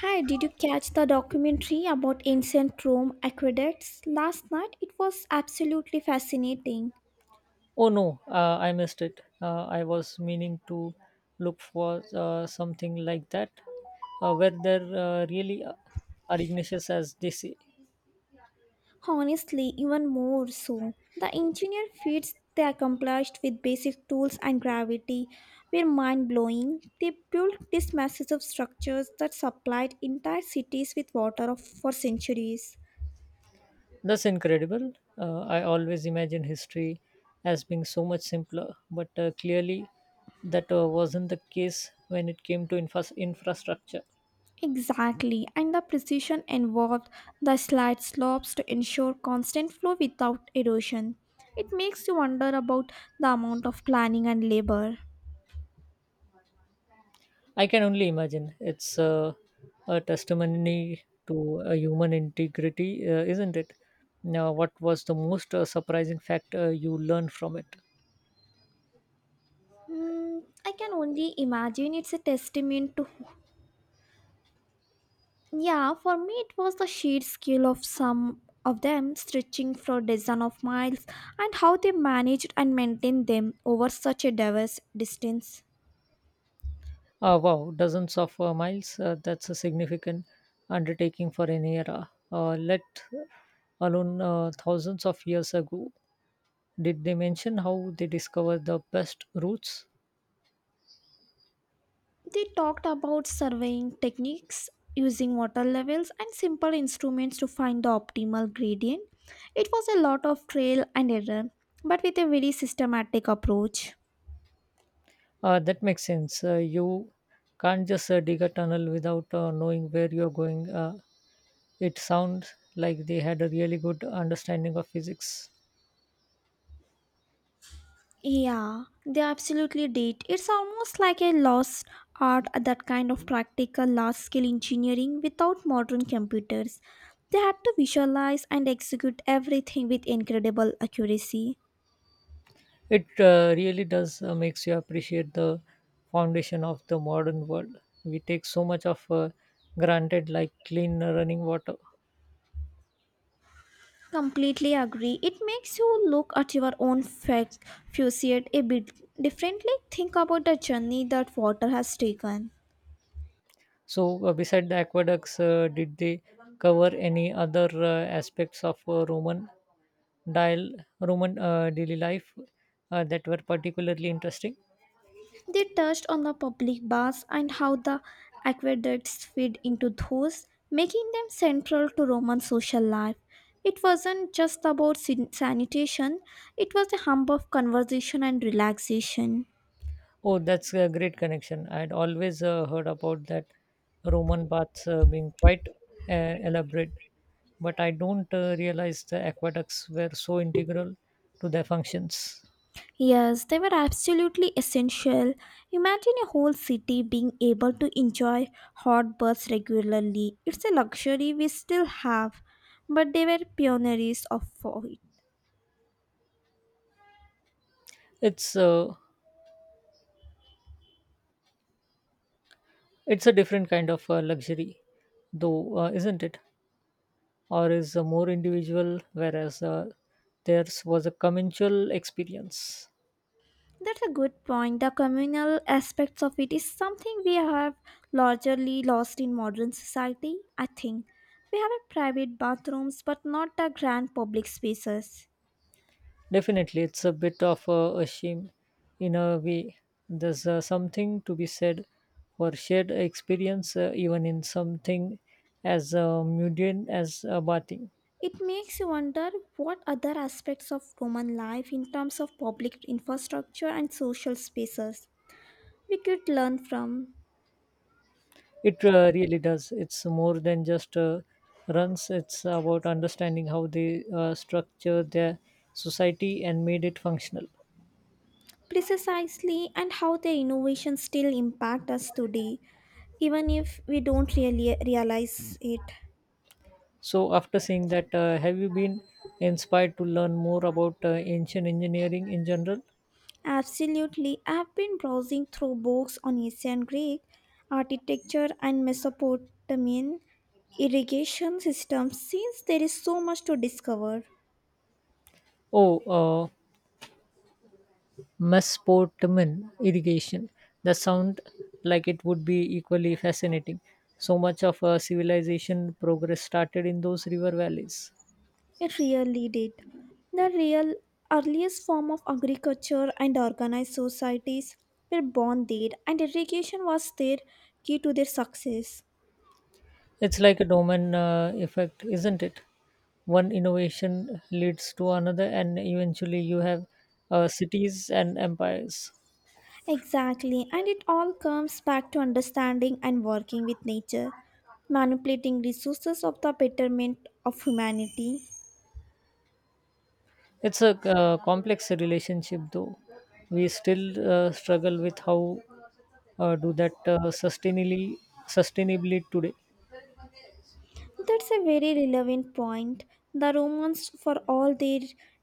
Hi, did you catch the documentary about ancient Rome aqueducts last night? It was absolutely fascinating. Oh no, I missed it. I was meaning to look for something like that. Where there really are Ignatius as they say. Honestly, even more so. The engineer feats they accomplished with basic tools and gravity were mind blowing. They built these massive structures that supplied entire cities with for centuries. That's incredible. I always imagine history as being so much simpler, but clearly that wasn't the case when it came to infrastructure. Exactly, and the precision involved, the slight slopes to ensure constant flow without erosion. It makes you wonder about the amount of planning and labor. I can only imagine. It's a testimony to human integrity, isn't it? Now, what was the most surprising fact you learned from it? Hmm, I can only imagine it's a testament to. Yeah, for me it was the sheer scale of some of them stretching for dozens of miles and how they managed and maintained them over such a diverse distance. Oh, wow, dozens of miles. That's a significant undertaking for an era, let alone thousands of years ago. Did they mention how they discovered the best routes? They talked about surveying techniques using water levels and simple instruments to find the optimal gradient. It was a lot of trial and error, but with a very systematic approach. That makes sense. You can't just dig a tunnel without knowing where you're going. It sounds like they had a really good understanding of physics. Yeah, they absolutely did. It's almost like a lost art, that kind of practical large scale engineering without modern computers. They had to visualize and execute everything with incredible accuracy. It really does makes you appreciate the foundation of the modern world. We take so much of granted, like clean running water. Completely agree. It makes you look at your own facade a bit differently. Think about the journey that water has taken. So, beside the aqueducts, did they cover any other aspects of Roman dial Roman daily life that were particularly interesting? They touched on the public baths and how the aqueducts feed into those, making them central to Roman social life. It wasn't just about sanitation, it was a hub of conversation and relaxation. Oh, that's a great connection. I'd always heard about that Roman baths being quite elaborate, but I don't realize the aqueducts were so integral to their functions. Yes, they were absolutely essential. Imagine a whole city being able to enjoy hot baths regularly. It's a luxury we still have, but they were pioneers of it. It's uh, it's a different kind of luxury, though, isn't it? Or is more individual, whereas theirs was a communal experience. That's a good point. The communal aspects of it is something we have largely lost in modern society, I think. We have a private bathrooms, but not the grand public spaces. Definitely, it's a bit of a shame in a way. There's something to be said for shared experience, even in something as mundane as bathing. It makes you wonder what other aspects of Roman life, in terms of public infrastructure and social spaces, we could learn from. It really does. It's more than just runs, it's about understanding how they structure their society and made it functional. Precisely, and how their innovations still impact us today, even if we don't really realize it. So, after seeing that, have you been inspired to learn more about ancient engineering in general? Absolutely, I've been browsing through books on ancient Greek architecture and Mesopotamian irrigation systems since there is so much to discover. Oh, Mesopotamian irrigation. The sound like it would be equally fascinating. So much of civilization progress started in those river valleys. It really did. The real earliest form of agriculture and organized societies were born there, and irrigation was their key to their success. It's like a domino effect, isn't it? One innovation leads to another, and eventually you have cities and empires. Exactly, and it all comes back to understanding and working with nature, manipulating resources of the betterment of humanity. It's a complex relationship, though. We still struggle with how do that sustainably today. That's a very relevant point. The Romans, for all their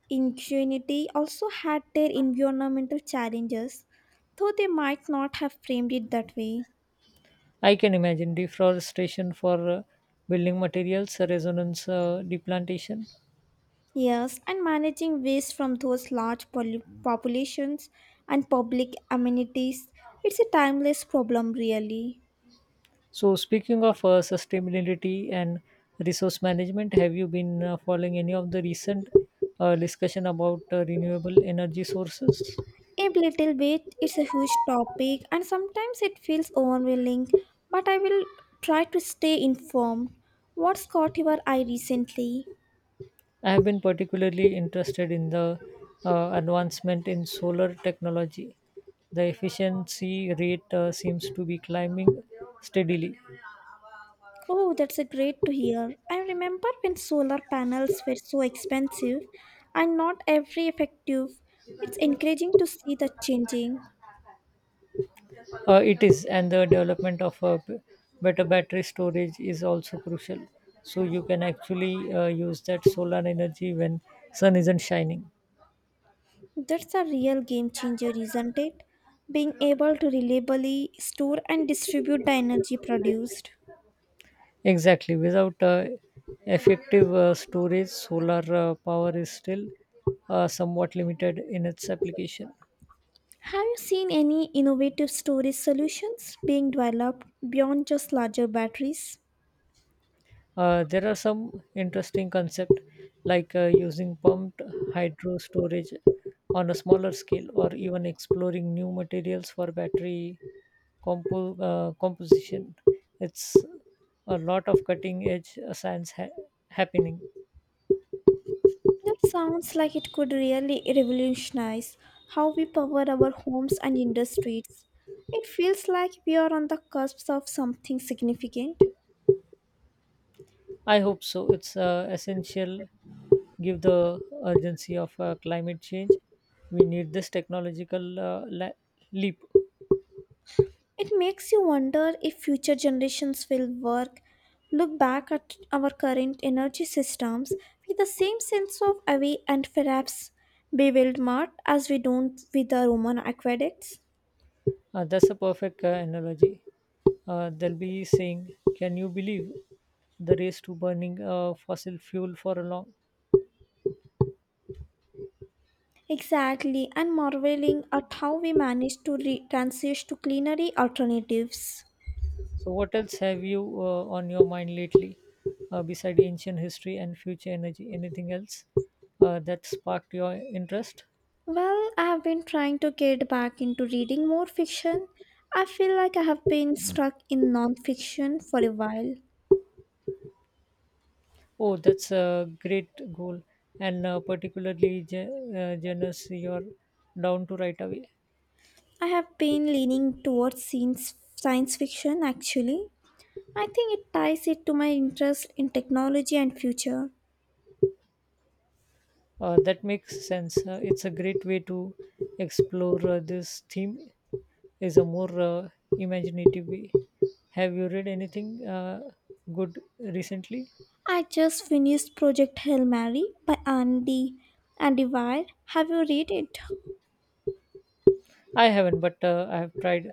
ingenuity, also had their environmental challenges, though they might not have framed it that way. I can imagine deforestation for building materials, resonance, deplantation. Yes, and managing waste from those populations and public amenities, it's a timeless problem, really. So, speaking of sustainability and resource management, have you been following any of the recent discussion about renewable energy sources? A little bit, it's a huge topic, and sometimes it feels overwhelming, but I will try to stay informed. What's caught your eye recently? I have been particularly interested in the advancement in solar technology. The efficiency rate seems to be climbing steadily. Oh, that's a great to hear. I remember when solar panels were so expensive and not every effective. It's encouraging to see the changing. It is, and the development of better battery storage is also crucial. So you can actually use that solar energy when sun isn't shining. That's a real game changer, isn't it? Being able to reliably store and distribute the energy produced. Exactly. Without effective storage, solar power is still somewhat limited in its application. Have you seen any innovative storage solutions being developed beyond just larger batteries? There are some interesting concepts like using pumped hydro storage on a smaller scale or even exploring new materials for composition. It's a lot of cutting edge science happening. That sounds like it could really revolutionize how we power our homes and industries. It feels like we are on the cusp of something significant. I hope so. It's essential give the urgency of climate change. We need this technological leap. It makes you wonder if future generations will work, look back at our current energy systems with the same sense of awe and perhaps bewilderment as we don't with the Roman aqueducts. That's a perfect analogy. They'll be saying, "Can you believe the race to burning fossil fuel for a long?" Exactly, and marveling at how we managed to transition to cleanery alternatives. So, what else have you on your mind lately, beside ancient history and future energy? Anything else that sparked your interest? Well, I have been trying to get back into reading more fiction. I feel like I have been stuck in non-fiction for a while. Oh, that's a great goal, and particularly generous you're down to right away. I have been leaning towards science fiction actually. I think it ties it to my interest in technology and future. That makes sense. It's a great way to explore this theme. Is a more imaginative way. Have you read anything good recently? I just finished Project Hail Mary by Andy Weir. Have you read it? I haven't, but I have tried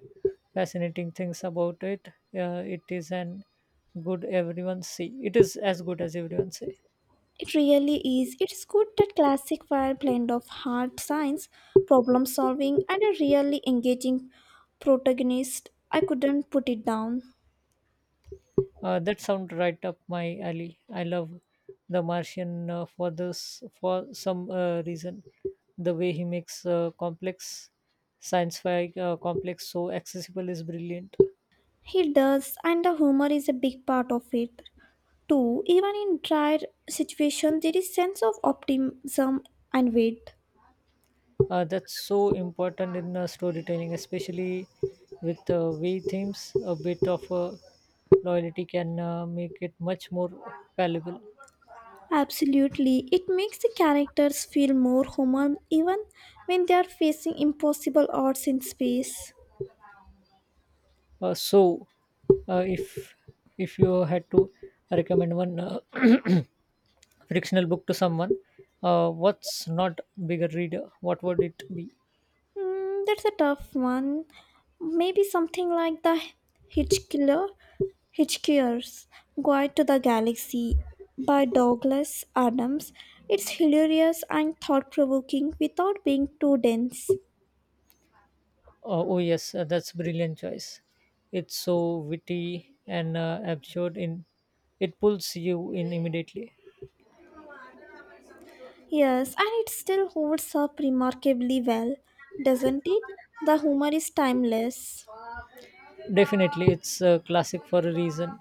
fascinating things about it. It is an good everyone say. It is as good as everyone say. It really is. It's good that classic fire blend of hard science, problem solving, and a really engaging protagonist. I couldn't put it down. That sounds right up my alley. I love The Martian for this for some reason. The way he makes complex science fi complex so accessible is brilliant. He does, and the humor is a big part of it too. Even in dire situations, there is sense of optimism and wit. That's so important in storytelling, especially with way themes. A bit of loyalty can make it much more valuable. Absolutely, it makes the characters feel more human even when they are facing impossible odds in space. Uh, so, uh, if if you had to recommend one fictional book to someone, what's not bigger reader, what would it be? Hmm, that's a tough one. Maybe something like the Hitchkiller, Hitchhiker's Guide to the Galaxy by Douglas Adams. It's hilarious and thought-provoking without being too dense. Oh yes, that's brilliant choice. It's so witty and absurd in it, pulls you in immediately. Yes, and it still holds up remarkably well, doesn't it? The humor is timeless. Definitely, it's a classic for a reason.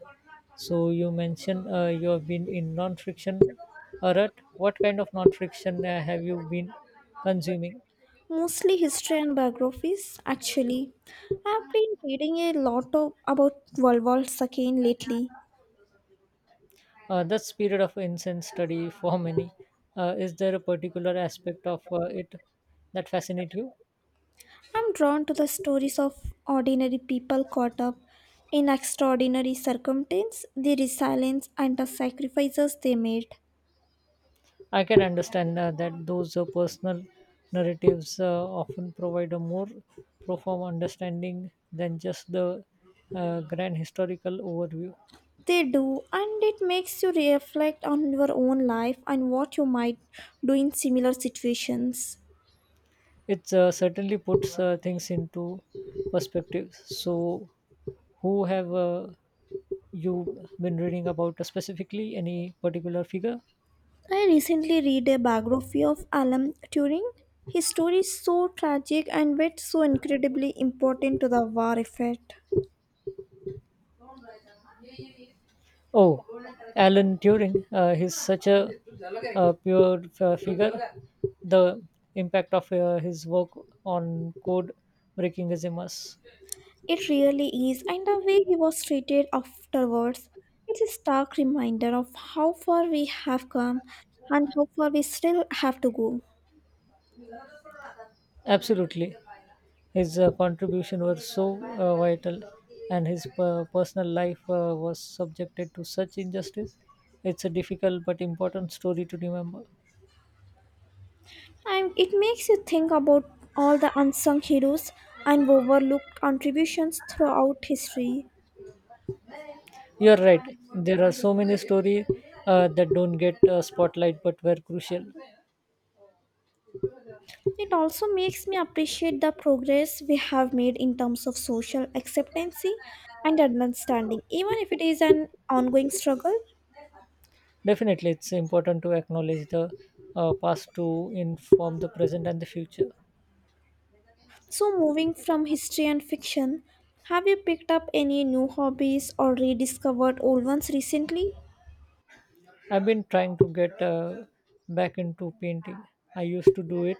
So you mentioned you have been in non-fiction, or what kind of non-fiction have you been consuming? Mostly history and biographies, actually. I've been reading a lot of, about World War II lately. This period of incense study for many, is there a particular aspect of it that fascinates you? I'm drawn to the stories of ordinary people caught up in extraordinary circumstance, the resilience and the sacrifices they made. I can understand that those personal narratives often provide a more profound understanding than just the grand historical overview. They do, and it makes you reflect on your own life and what you might do in similar situations. It certainly puts things into perspective. So, who have you been reading about specifically? Any particular figure? I recently read a biography of Alan Turing. His story is so tragic and yet so incredibly important to the war effort. Oh, Alan Turing, he's such a, figure. The impact of his work on code breaking is immense. It really is, and the way he was treated afterwards, it's a stark reminder of how far we have come and how far we still have to go. Absolutely. His contribution was so vital, and his personal life was subjected to such injustice. It's a difficult but important story to remember. And it makes you think about all the unsung heroes and overlooked contributions throughout history. You're right. There are so many stories that don't get spotlight but were crucial. It also makes me appreciate the progress we have made in terms of social acceptance and understanding, even if it is an ongoing struggle. Definitely, it's important to acknowledge the past to inform the present and the future. So, moving from history and fiction, have you picked up any new hobbies or rediscovered old ones recently? I've been trying to get back into painting. I used to do it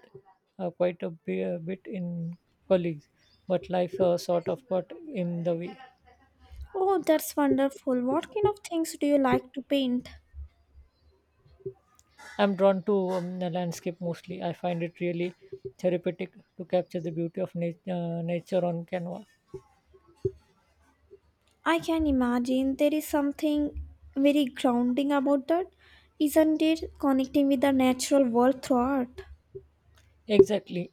quite a bit in college, but life sort of got in the way. Oh, that's wonderful. What kind of things do you like to paint? I'm drawn to the landscape mostly. I find it really therapeutic to capture the beauty of nature on canvas. I can imagine there is something very grounding about that, isn't it? Connecting with the natural world through art. Exactly.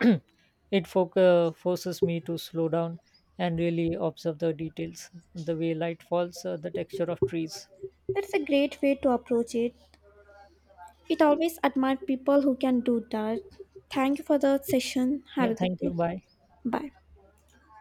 it forces me to slow down and really observe the details, the way light falls, the texture of trees. That's a great way to approach it. It always admire people who can do that. Thank you for the session. Have Yeah, a good thank you. day. Bye. Bye.